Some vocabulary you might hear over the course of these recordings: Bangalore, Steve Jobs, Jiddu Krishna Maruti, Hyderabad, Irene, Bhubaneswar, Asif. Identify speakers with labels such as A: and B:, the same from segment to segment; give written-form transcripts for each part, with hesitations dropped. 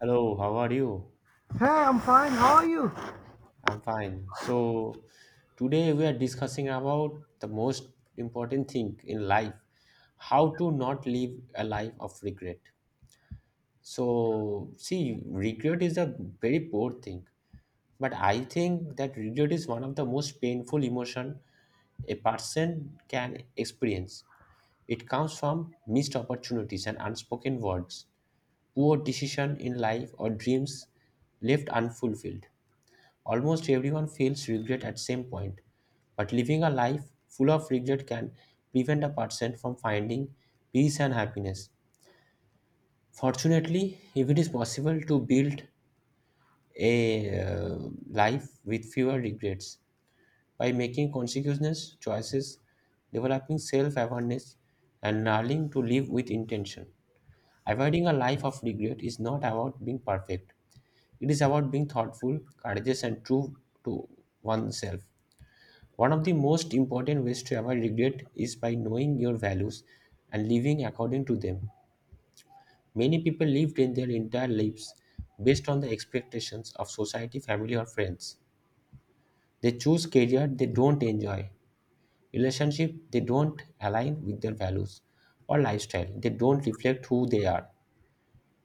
A: Hello, how are you?
B: Hey, I'm fine. How are you?
A: I'm fine. So today we are discussing about the most important thing in life, how to not live a life of regret. So see, regret is a very poor thing, but I think that regret is one of the most painful emotion a person can experience. It comes from missed opportunities and unspoken words, poor decision in life or dreams left unfulfilled. Almost everyone feels regret at some point, but living a life full of regret can prevent a person from finding peace and happiness. Fortunately, if it is possible to build a life with fewer regrets by making conscious choices, developing self-awareness, and learning to live with intention. Avoiding a life of regret is not about being perfect. It is about being thoughtful, courageous, and true to oneself. One of the most important ways to avoid regret is by knowing your values and living according to them. Many people lived in their entire lives based on the expectations of society, family, or friends. They choose career they don't enjoy, relationship they don't align with their values, or lifestyle they don't reflect who they are.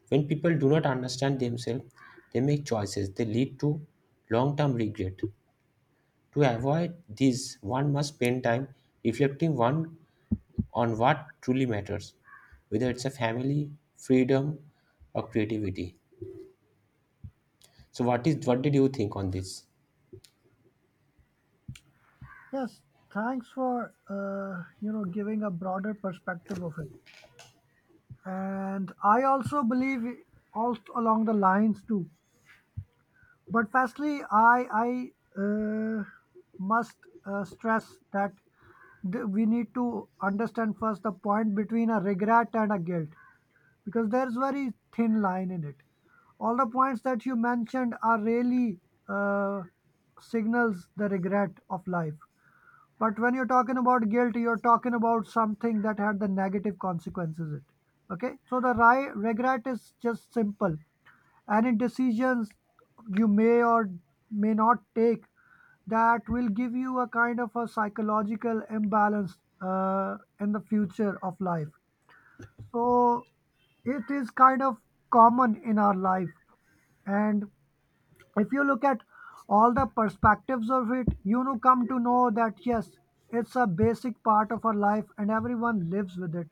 A: When people do not understand themselves, they make choices that lead to long-term regret. To avoid this, one must spend time reflecting one on what truly matters, whether it's a family, freedom, or creativity. So, what did you think on this?
B: Yes, thanks for giving a broader perspective of it. And I also believe also along the lines too. But firstly, I uh, must stress that we need to understand first the point between a regret and a guilt, because there's very thin line in it. All the points that you mentioned are really uh, signals the regret of life. But when you're talking about guilt, you're talking about something that had the negative consequences. It okay. So the regret is just simple. Any decisions you may or may not take that will give you a kind of a psychological imbalance in the future of life. So it is kind of common in our life, and if you look at all the perspectives of it, you know, come to know that yes, it's a basic part of our life and everyone lives with it.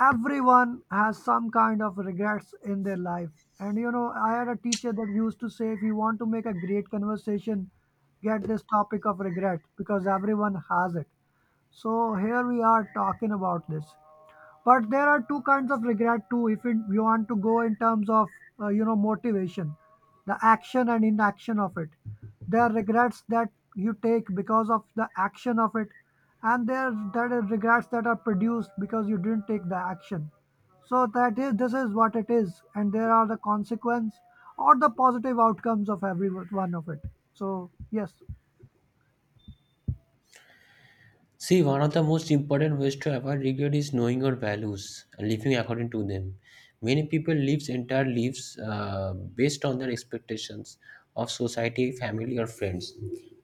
B: Everyone has some kind of regrets in their life. And you know, I had a teacher that used to say, if you want to make a great conversation, get this topic of regret because everyone has it. So here we are talking about this, but there are two kinds of regret too. If you want to go in terms of you know motivation, the action and inaction of it. There are regrets that you take because of the action of it, and there are regrets that are produced because you didn't take the action. So that is this is what it is, and there are the consequence or the positive outcomes of every one of it. So yes.
A: See, one of the most important ways to avoid regret is knowing your values and living according to them. Many people live entire lives based on their expectations of society, family, or friends.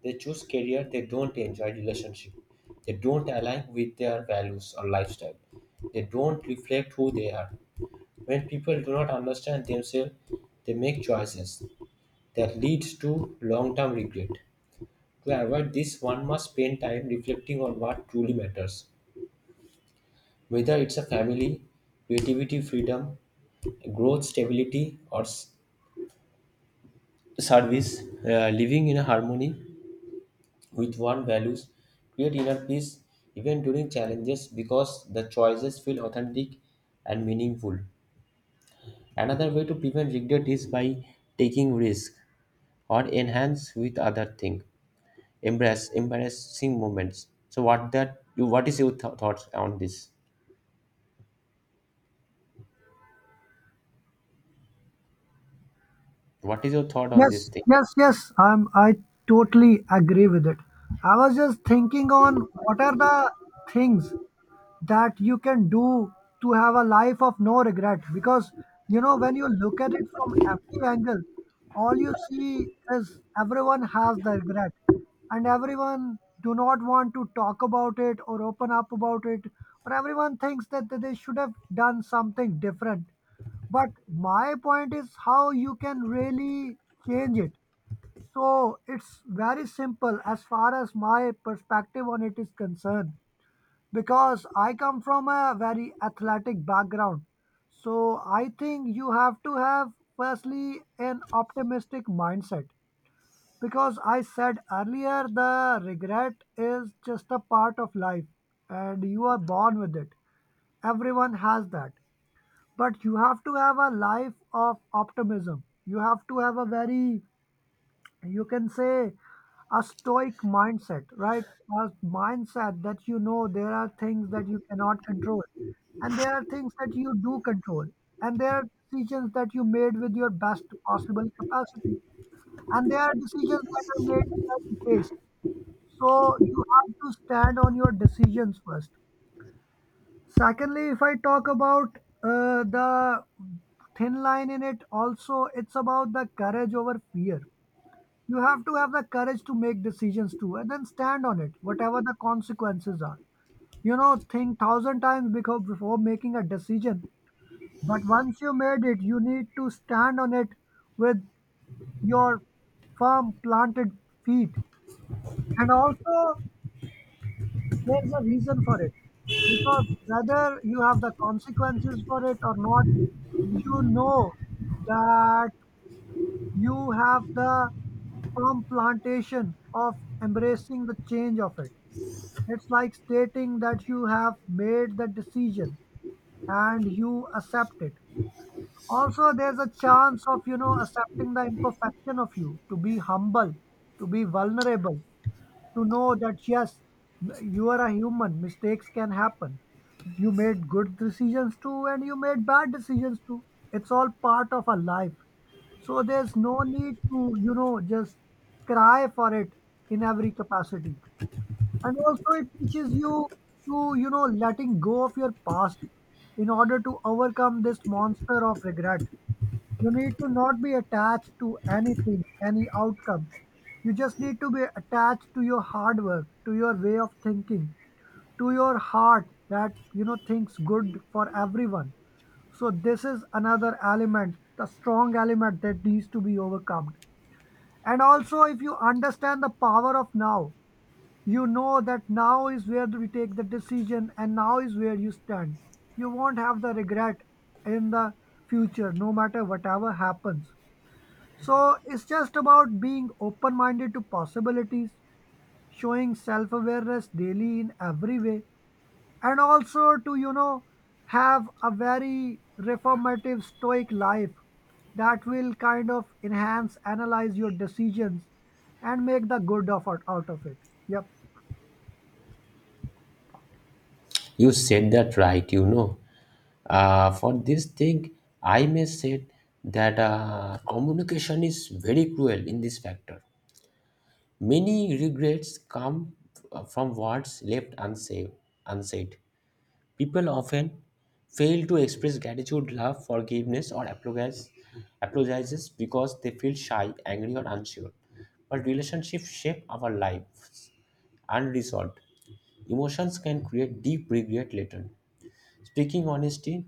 A: They choose career they don't enjoy, relationship they don't align with their values or lifestyle. They don't reflect who they are. When people do not understand themselves, they make choices that leads to long-term regret. To avoid this, one must spend time reflecting on what truly matters, whether it's a family, creativity, freedom, growth, stability, or service. Living in harmony with one's values create inner peace even during challenges because the choices feel authentic and meaningful. Another way to prevent regret is by taking risk, or enhance with other thing, embrace embarrassing moments. So what that you what is your thoughts on this? What is your thought on this
B: Yes,
A: thing?
B: yes, yes. I totally agree with it. I was just thinking on what are the things that you can do to have a life of no regret, because you know when you look at it from every angle, all you see is everyone has the regret, and everyone do not want to talk about it or open up about it, or everyone thinks that they should have done something different. But my point is how you can really change it. So it's very simple as far as my perspective on it is concerned, because I come from a very athletic background. So I think you have to have, firstly, an optimistic mindset, because I said earlier the regret is just a part of life and you are born with it. Everyone has that. But you have to have a life of optimism. You have to have a very, you can say, a stoic mindset, right? A mindset that you know there are things that you cannot control and there are things that you do control, and there are decisions that you made with your best possible capacity, and there are decisions that are made in every case. So you have to stand on your decisions first. Secondly, if I talk about the thin line in it, also it's about the courage over fear. You have to have the courage to make decisions too and then stand on it whatever the consequences are. You know, think thousand times before making a decision, but once you made it you need to stand on it with your firm planted feet. And also there's a reason for it, because whether you have the consequences for it or not, you know that you have the firm plantation of embracing the change of it. It's like stating that you have made the decision and you accept it. Also, there's a chance of, you know, accepting the imperfection of you, to be humble, to be vulnerable, to know that yes, you are a human, mistakes can happen. You made good decisions too, and you made bad decisions too. It's all part of our life. So there's no need to, you know, just cry for it in every capacity. And also it teaches you to, you know, letting go of your past. In order to overcome this monster of regret, you need to not be attached to anything, any outcome. You just need to be attached to your hard work, to your way of thinking, to your heart that you know thinks good for everyone. So this is another element, the strong element that needs to be overcome. And also, if you understand the power of now, you know that now is where we take the decision and now is where you stand. You won't have the regret in the future, no matter whatever happens. So it's just about being open minded to possibilities, showing self awareness daily in every way, and also to, you know, have a very reformative stoic life that will kind of enhance, analyze your decisions, and make the good out of it. Yep.
A: You said that right, you know, for this thing I may say that communication is very cruel in this factor. Many regrets come from words left unsaid. People often fail to express gratitude, love, forgiveness, or apologize, apologizes because they feel shy, angry, or unsure. But relationships shape our lives unresolved. Emotions can create deep regret later. Speaking honesty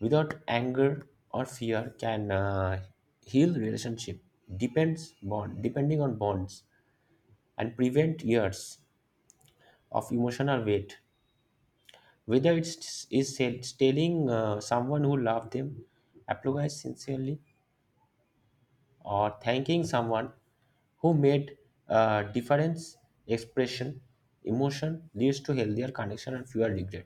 A: without anger or fear can heal relationship, depends bond, depending on bonds, and prevent years of emotional weight. Whether it's telling someone who loved them, apologized sincerely, or thanking someone who made difference, expression, emotion leads to healthier connection and fewer regret.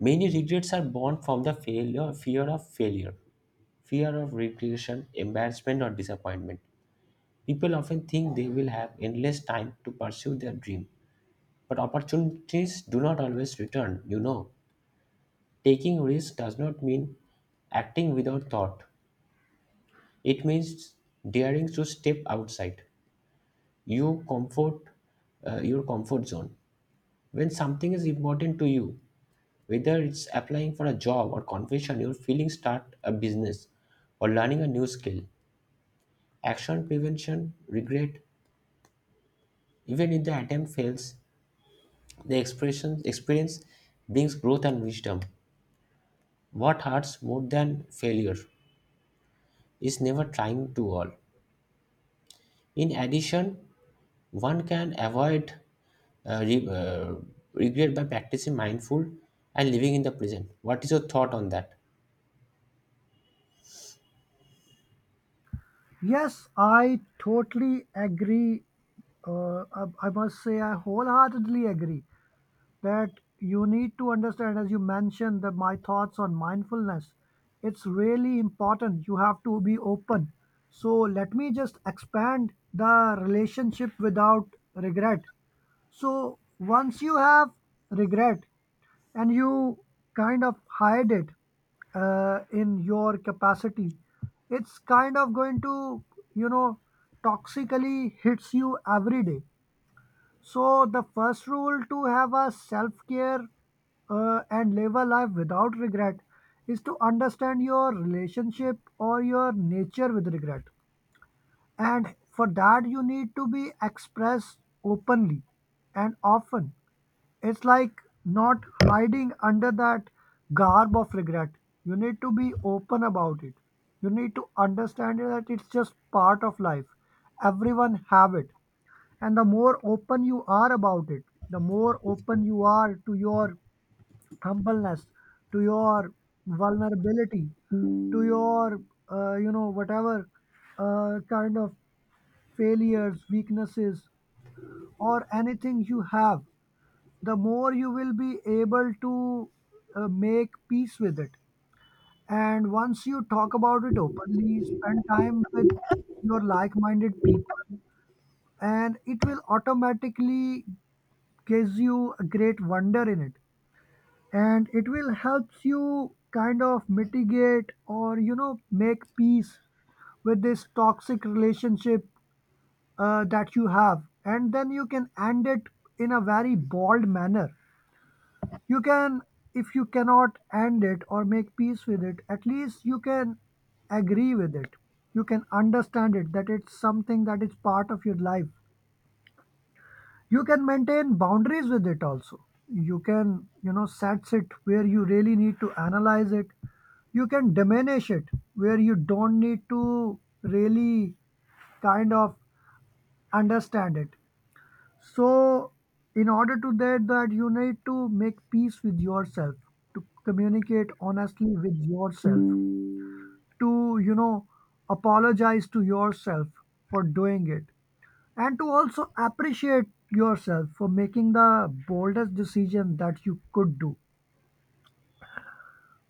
A: Many regrets are born from the failure, fear of regression, embarrassment, or disappointment. People often think they will have endless time to pursue their dream, but opportunities do not always return, you know. Taking risks does not mean acting without thought. It means daring to step outside your comfort, your comfort zone. When something is important to you, whether it's applying for a job or confession, your feelings, start a business or learning a new skill. Action prevention, regret, even if the attempt fails, the expression experience brings growth and wisdom. What hurts more than failure is never trying too all. In addition, one can avoid uh, re- uh, regret by practicing mindful and living in the present. What is your thought on that?
B: Yes, I totally agree. I must say, I wholeheartedly agree that you need to understand, as you mentioned, that my thoughts on mindfulness. It's really important. You have to be open. So, let me just expand the relationship without regret. So, once you have regret, and you kind of hide it in your capacity, it's kind of going to, you know, toxically hits you every day. So the first rule to have a self care and live a life without regret is to understand your relationship or your nature with regret, and for that, you need to be expressed openly and often. It's like not hiding under that garb of regret. You need to be open about it. You need to understand that it's just part of life. Everyone have it. And the more open you are about it, the more open you are to your humbleness, to your vulnerability, to your whatever kind of failures, weaknesses, or anything you have, the more you will be able to make peace with it. And once you talk about it openly, spend time with your like minded people, and it will automatically gives you a great wonder in it, and it will helps you kind of mitigate or, you know, make peace with this toxic relationship that you have, and then you can end it in a very bold manner. You can, if you cannot end it or make peace with it, at least you can agree with it. You can understand it that it's something that is part of your life. You can maintain boundaries with it also. You can, you know, set it where you really need to analyze it. You can diminish it where you don't need to really kind of understand it. So, in order to that, that you need to make peace with yourself, to communicate honestly with yourself, to, you know, apologize to yourself for doing it, and to also appreciate yourself for making the boldest decision that you could do.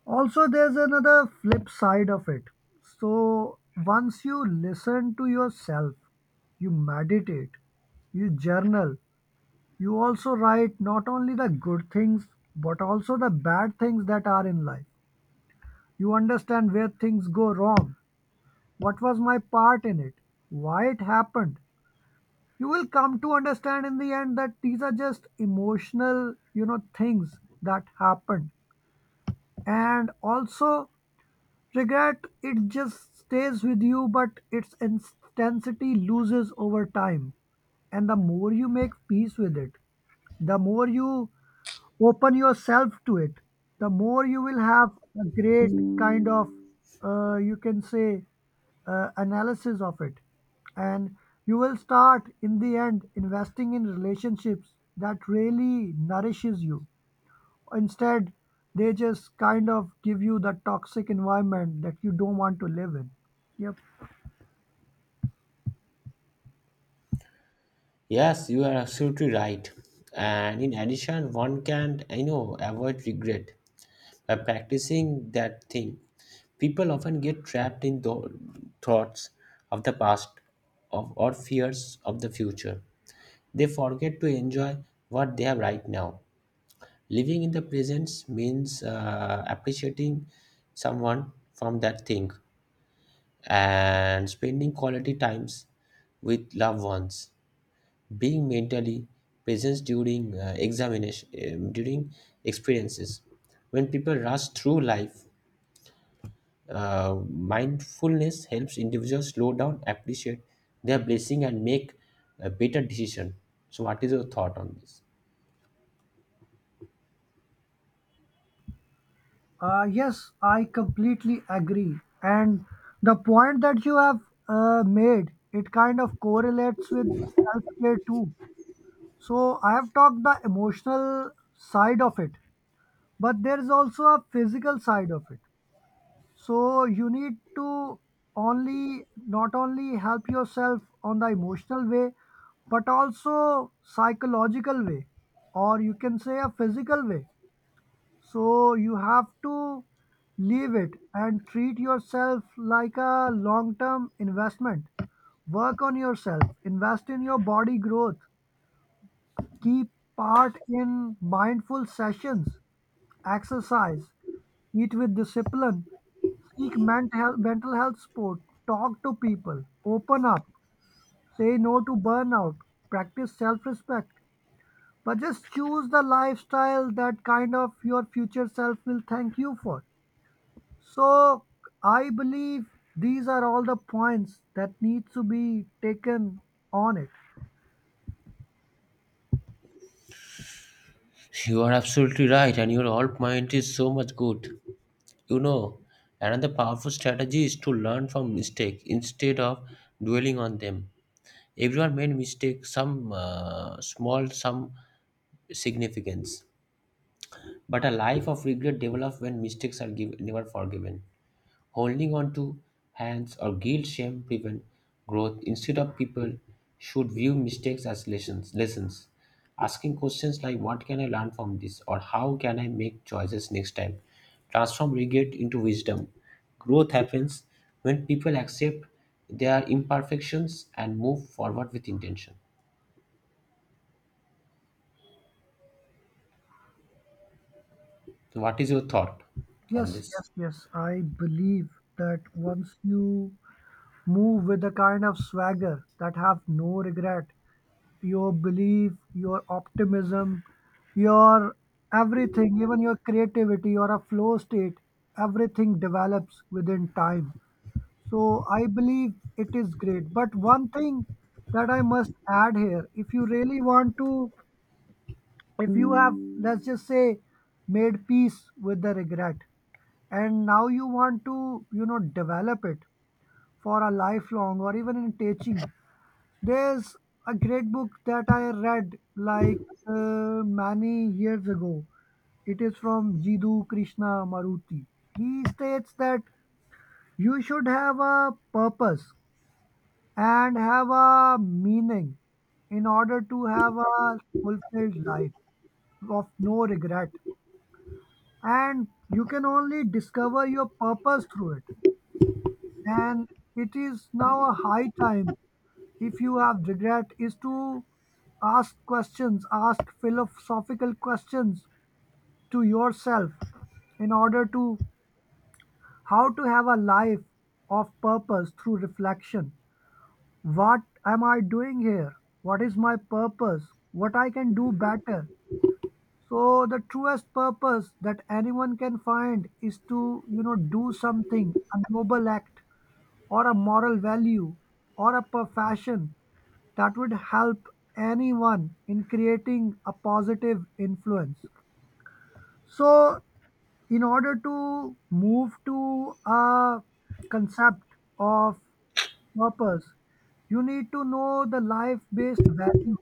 B: Also, there's another flip side of it. So, once you listen to yourself, you meditate, you journal, you also write not only the good things but also the bad things that are in life. You understand where things go wrong, what was my part in it, why it happened. You will come to understand in the end that these are just emotional, you know, things that happened. And also, regret, it just stays with you, but its intensity loses over time. And the more you make peace with it, the more you open yourself to it, the more you will have a great kind of, you can say, analysis of it. And you will start in the end investing in relationships that really nourishes you, instead they just kind of give you the toxic environment that you don't want to live in. Yep.
A: Yes, you are absolutely right. And in addition, one can, you know, avoid regret by practicing that thing. People often get trapped in the thoughts of the past of, or fears of the future. They forget to enjoy what they have right now. Living in the presence means appreciating someone from that thing and spending quality times with loved ones. Being mentally present during examination, during experiences. When people rush through life, mindfulness helps individuals slow down, appreciate their blessing, and make a better decision. So, what is your thought on this?
B: Yes, I completely agree. And the point that you have made, it kind of correlates with self care too. So I have talked the emotional side of it, but there is also a physical side of it. So you need to only not only help yourself on the emotional way, but also psychological way, or you can say a physical way. So you have to leave it and treat yourself like a long term investment. Work on yourself, invest in your body growth, keep part in mindful sessions, exercise, eat with discipline, seek mental health support, talk to people, open up, say no to burnout, practice self respect. But just choose the lifestyle that kind of your future self will thank you for. So I believe these are all the points that need to be taken on it.
A: You are absolutely right, and your whole point is so much good. You know, another powerful strategy is to learn from mistakes instead of dwelling on them. Everyone made mistakes, some small, some significance. But a life of regret develops when mistakes are giv never forgiven. Holding on to hands or guilt shame prevent growth. Instead of people should view mistakes as lessons. Asking questions like what can I learn from this or how can I make choices next time? Transform regret into wisdom. Growth happens when people accept their imperfections and move forward with intention. So what is your thought on
B: Yes,
A: this?
B: yes, yes. I believe that once you move with a kind of swagger that have no regret, your belief, your optimism, your everything, even your creativity or a flow state, everything develops within time. So I believe it is great. But one thing that I must add here, if you really want to, if you have, let's just say, made peace with the regret and now you want to, develop it for a lifelong or even in teaching, there's a great book that I read like many years ago. It is from Jiddu Krishna Maruti. He states that you should have a purpose and have a meaning in order to have a fulfilled life of no regret, and you can only discover your purpose through it. And it is now a high time, if you have regret, is to ask questions, ask philosophical questions to yourself in order to how to have a life of purpose through reflection. What am I doing here? What is my purpose? What I can do better? So the truest purpose that anyone can find is to, do something, a noble act or a moral value or a profession that would help anyone in creating a positive influence. So, in order to move to a concept of purpose. You need to know the life based value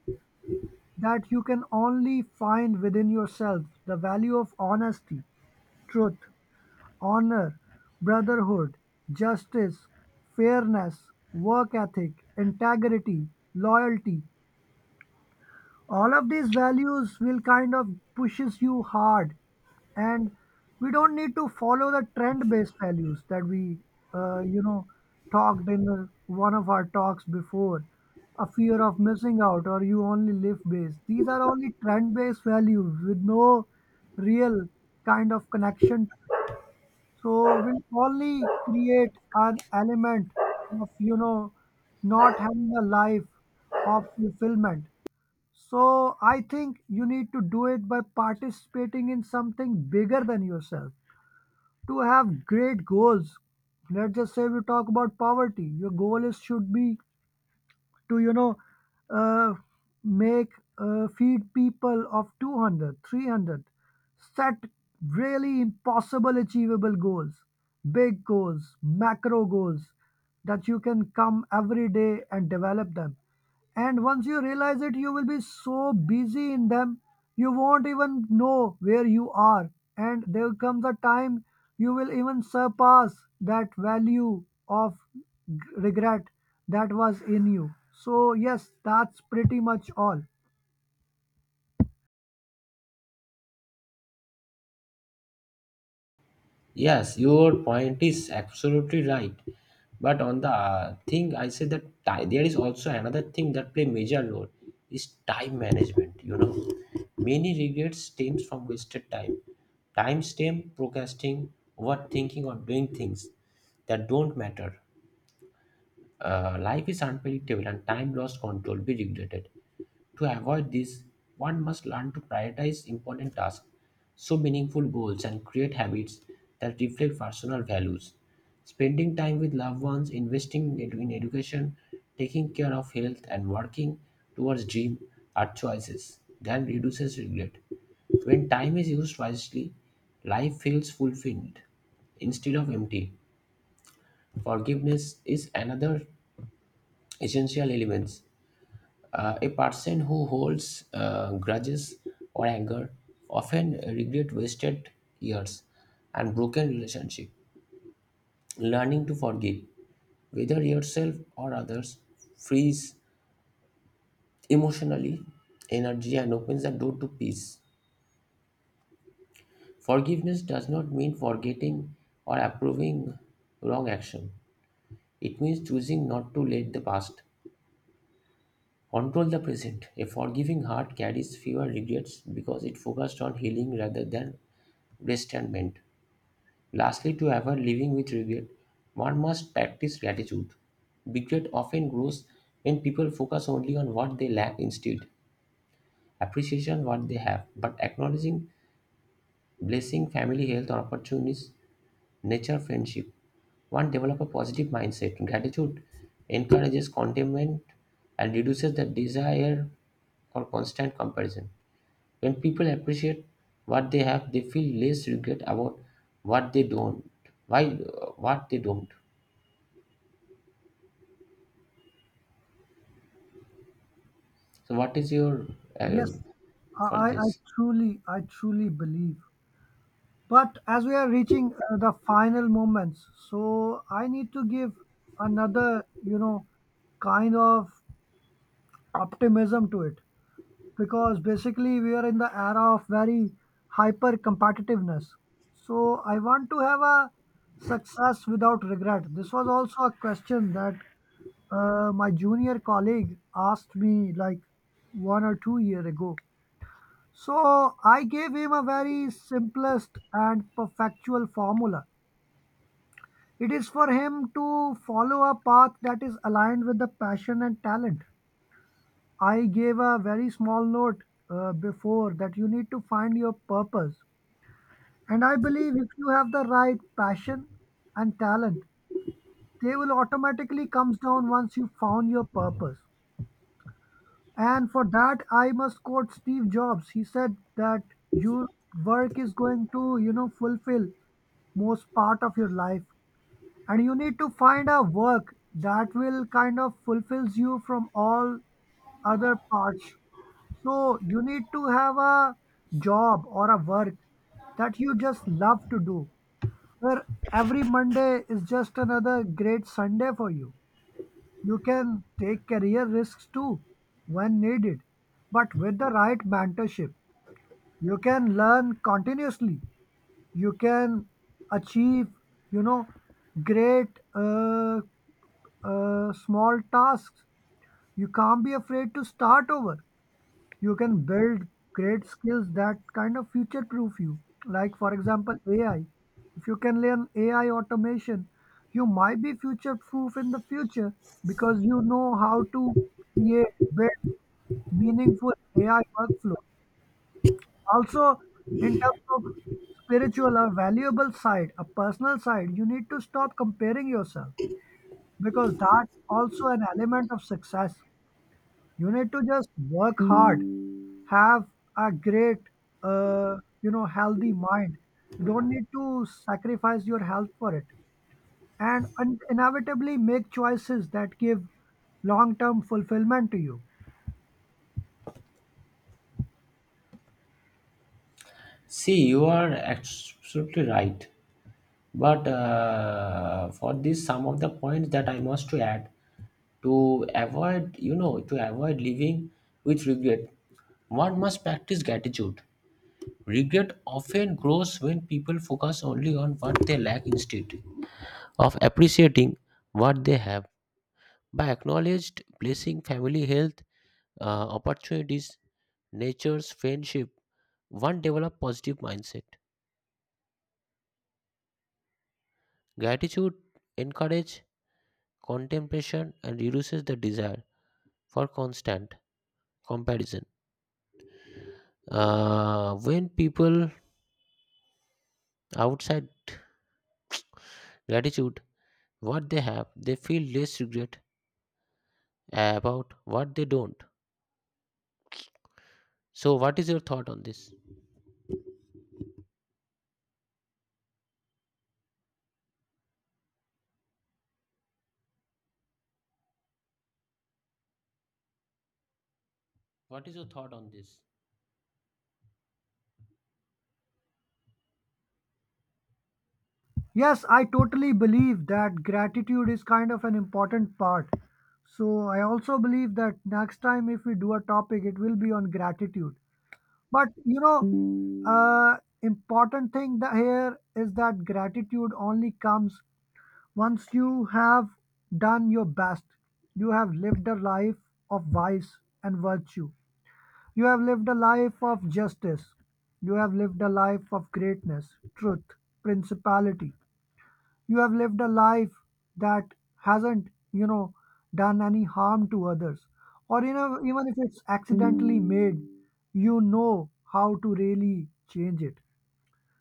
B: that you can only find within yourself, the value of honesty, truth, honor, brotherhood, justice, fairness, work ethic, integrity, loyalty. All of these values will kind of pushes you hard, and we don't need to follow the trend based values that we uh, you know talked in the, one of our talks before, a fear of missing out or you only live based. These are only trend based values with no real kind of connection, so will only create an element of, not having a life of fulfillment. So I think you need to do it by participating in something bigger than yourself. To have great goals, let's just say we talk about poverty. Your goal is should be to, uh, make feed people of 200, 300. Set really impossible achievable goals, big goals, macro goals that you can come every day and develop them. And once you realize it, you will be so busy in them, you won't even know where you are. And there comes a time you will even surpass that value of regret that was in you. So, yes, that's pretty much all.
A: Yes, your point is absolutely right. But on the thing, I say that time, there is also another thing that play major role is time management. You know, many regrets stems from wasted time. Time stem procrastinating, overthinking, or doing things that don't matter. Life is unpredictable, and time lost control be regretted. To avoid this, one must learn to prioritize important tasks, so meaningful goals, and create habits that reflect personal values. Spending time with loved ones, investing in education, taking care of health, and working towards dream are choices that reduces regret. When time is used wisely, life feels fulfilled instead of empty. Forgiveness is another essential element. A person who holds grudges or anger often regret wasted years and broken relationship. Learning to forgive, whether yourself or others, frees emotionally energy and opens the door to peace. Forgiveness does not mean forgetting or approving wrong action. It means choosing not to let the past control the present. A forgiving heart carries fewer regrets because it focused on healing rather than resentment. Lastly, to avoid living with regret, one must practice gratitude. Regret often grows when people focus only on what they lack instead appreciation what they have, but acknowledging blessing, family, health, or opportunities nature friendship. One, develop a positive mindset. Gratitude encourages contentment and reduces the desire for constant comparison. When people appreciate what they have, they feel less regret about what they don't. Why what they don't? So, what is your uh,
B: Yes, I,
A: for
B: I I
A: this?
B: truly, I truly believe. But as we are reaching the final moments, so I need to give another, kind of optimism to it. Because basically we are in the era of very hyper competitiveness. So I want to have a success without regret. This was also a question that my junior colleague asked me like 1 or 2 year ago. So I gave him a very simplest and perfectual formula. It is for him to follow a path that is aligned with the passion and talent. I gave a very small note, before that you need to find your purpose. And I believe if you have the right passion and talent, they will automatically comes down once you found your purpose. And for that, I must quote Steve Jobs. He said that your work is going to, fulfill most part of your life. And you need to find a work that will kind of fulfills you from all other parts. So you need to have a job or a work that you just love to do, where every Monday is just another great Sunday for you. You can take career risks too when needed, but with the right mentorship, you can learn continuously. You can achieve, you know, great uh, small tasks. You can't be afraid to start over. You can build great skills that kind of future proof you, like, for example, ai. If you can learn ai automation, you might be future proof in the future, because you know how to create, build meaningful ai workflow. Also, in terms of spiritual or valuable side, a personal side, you need to stop comparing yourself, because that's also an element of success. You need to just work hard, have a great uh, healthy mind. You don't need to sacrifice your health for it, and inevitably make choices that give long term fulfillment to you.
A: See, you are absolutely right. But for this, some of the points that I must to add to avoid, you know, to avoid living with regret, one must practice gratitude. Regret often grows when people focus only on what they lack instead of appreciating what they have. By acknowledged blessing, family health, opportunities, nature's friendship, one develop positive mindset. Gratitude encourage contemplation and reduces the desire for constant comparison. When people outside gratitude what they have, they feel less regret about what they don't. So, what is your thought on this? What is your thought on this?
B: Yes, I totally believe that gratitude is kind of an important part. So I also believe that next time if we do a topic it will be on gratitude. But uh important thing that here is that gratitude only comes once you have done your best, you have lived a life of vice and virtue, you have lived a life of justice, you have lived a life of greatness, truth, principality, you have lived a life that hasn't, done any harm to others. Or, you know, even if it's accidentally made, you know how to really change it.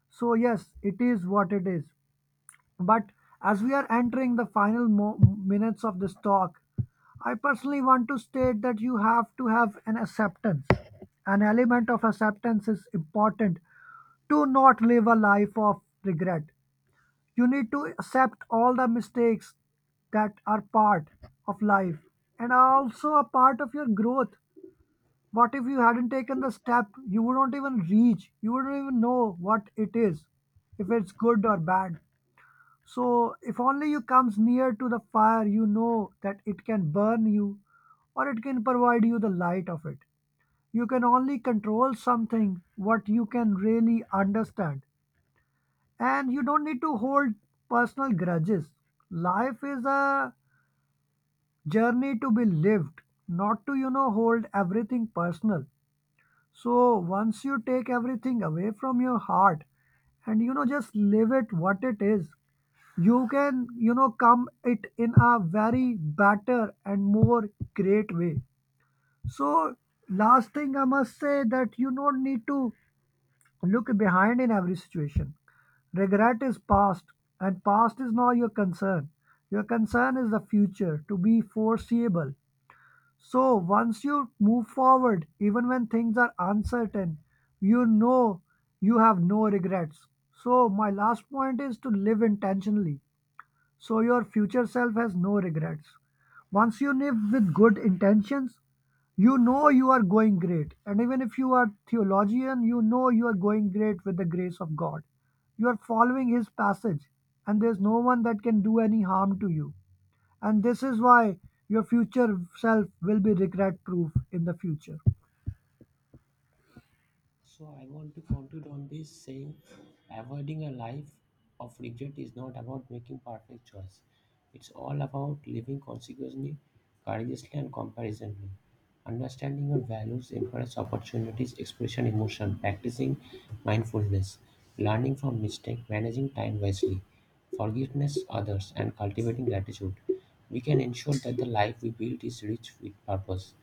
B: So yes, it is what it is. But as we are entering the minutes of this talk, I personally want to state that you have to have an acceptance. An element of acceptance is important to not live a life of regret. You need to accept all the mistakes that are part of life and are also a part of your growth. What if you hadn't taken the step? You wouldn't even reach, you wouldn't even know what it is, if it's good or bad. So, if only you comes near to the fire, you know that it can burn you or it can provide you the light of it. You can only control something what you can really understand, and you don't need to hold personal grudges. Life is a journey to be lived, not to, hold everything personal. So once you take everything away from your heart and, just live it what it is, you can, come it in a very better and more great way. So last thing I must say that you don't need to look behind in every situation. Regret is past, and past is not your concern. Your concern is the future, to be foreseeable. So, once you move forward, even when things are uncertain, you know you have no regrets. So, my last point is to live intentionally. So your future self has no regrets. Once you live with good intentions, you know you are going great. And even if you are theologian, you know you are going great with the grace of God. You are following his passage, and there's no one that can do any harm to you. And this is why your future self will be regret proof in the future.
A: So I want to conclude on this saying avoiding a life of regret is not about making perfect choice. It's all about living consequently, courageously and compassionately. Understanding your values, encourage opportunities, expression emotion, practicing mindfulness, learning from mistake, managing time wisely, forgiveness others and cultivating gratitude. We can ensure that the life we build is rich with purpose.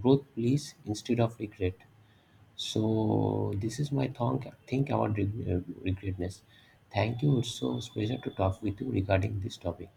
A: Growth please instead of regret. So this is my think about regretness. Thank you. It's so special to talk with you regarding this topic.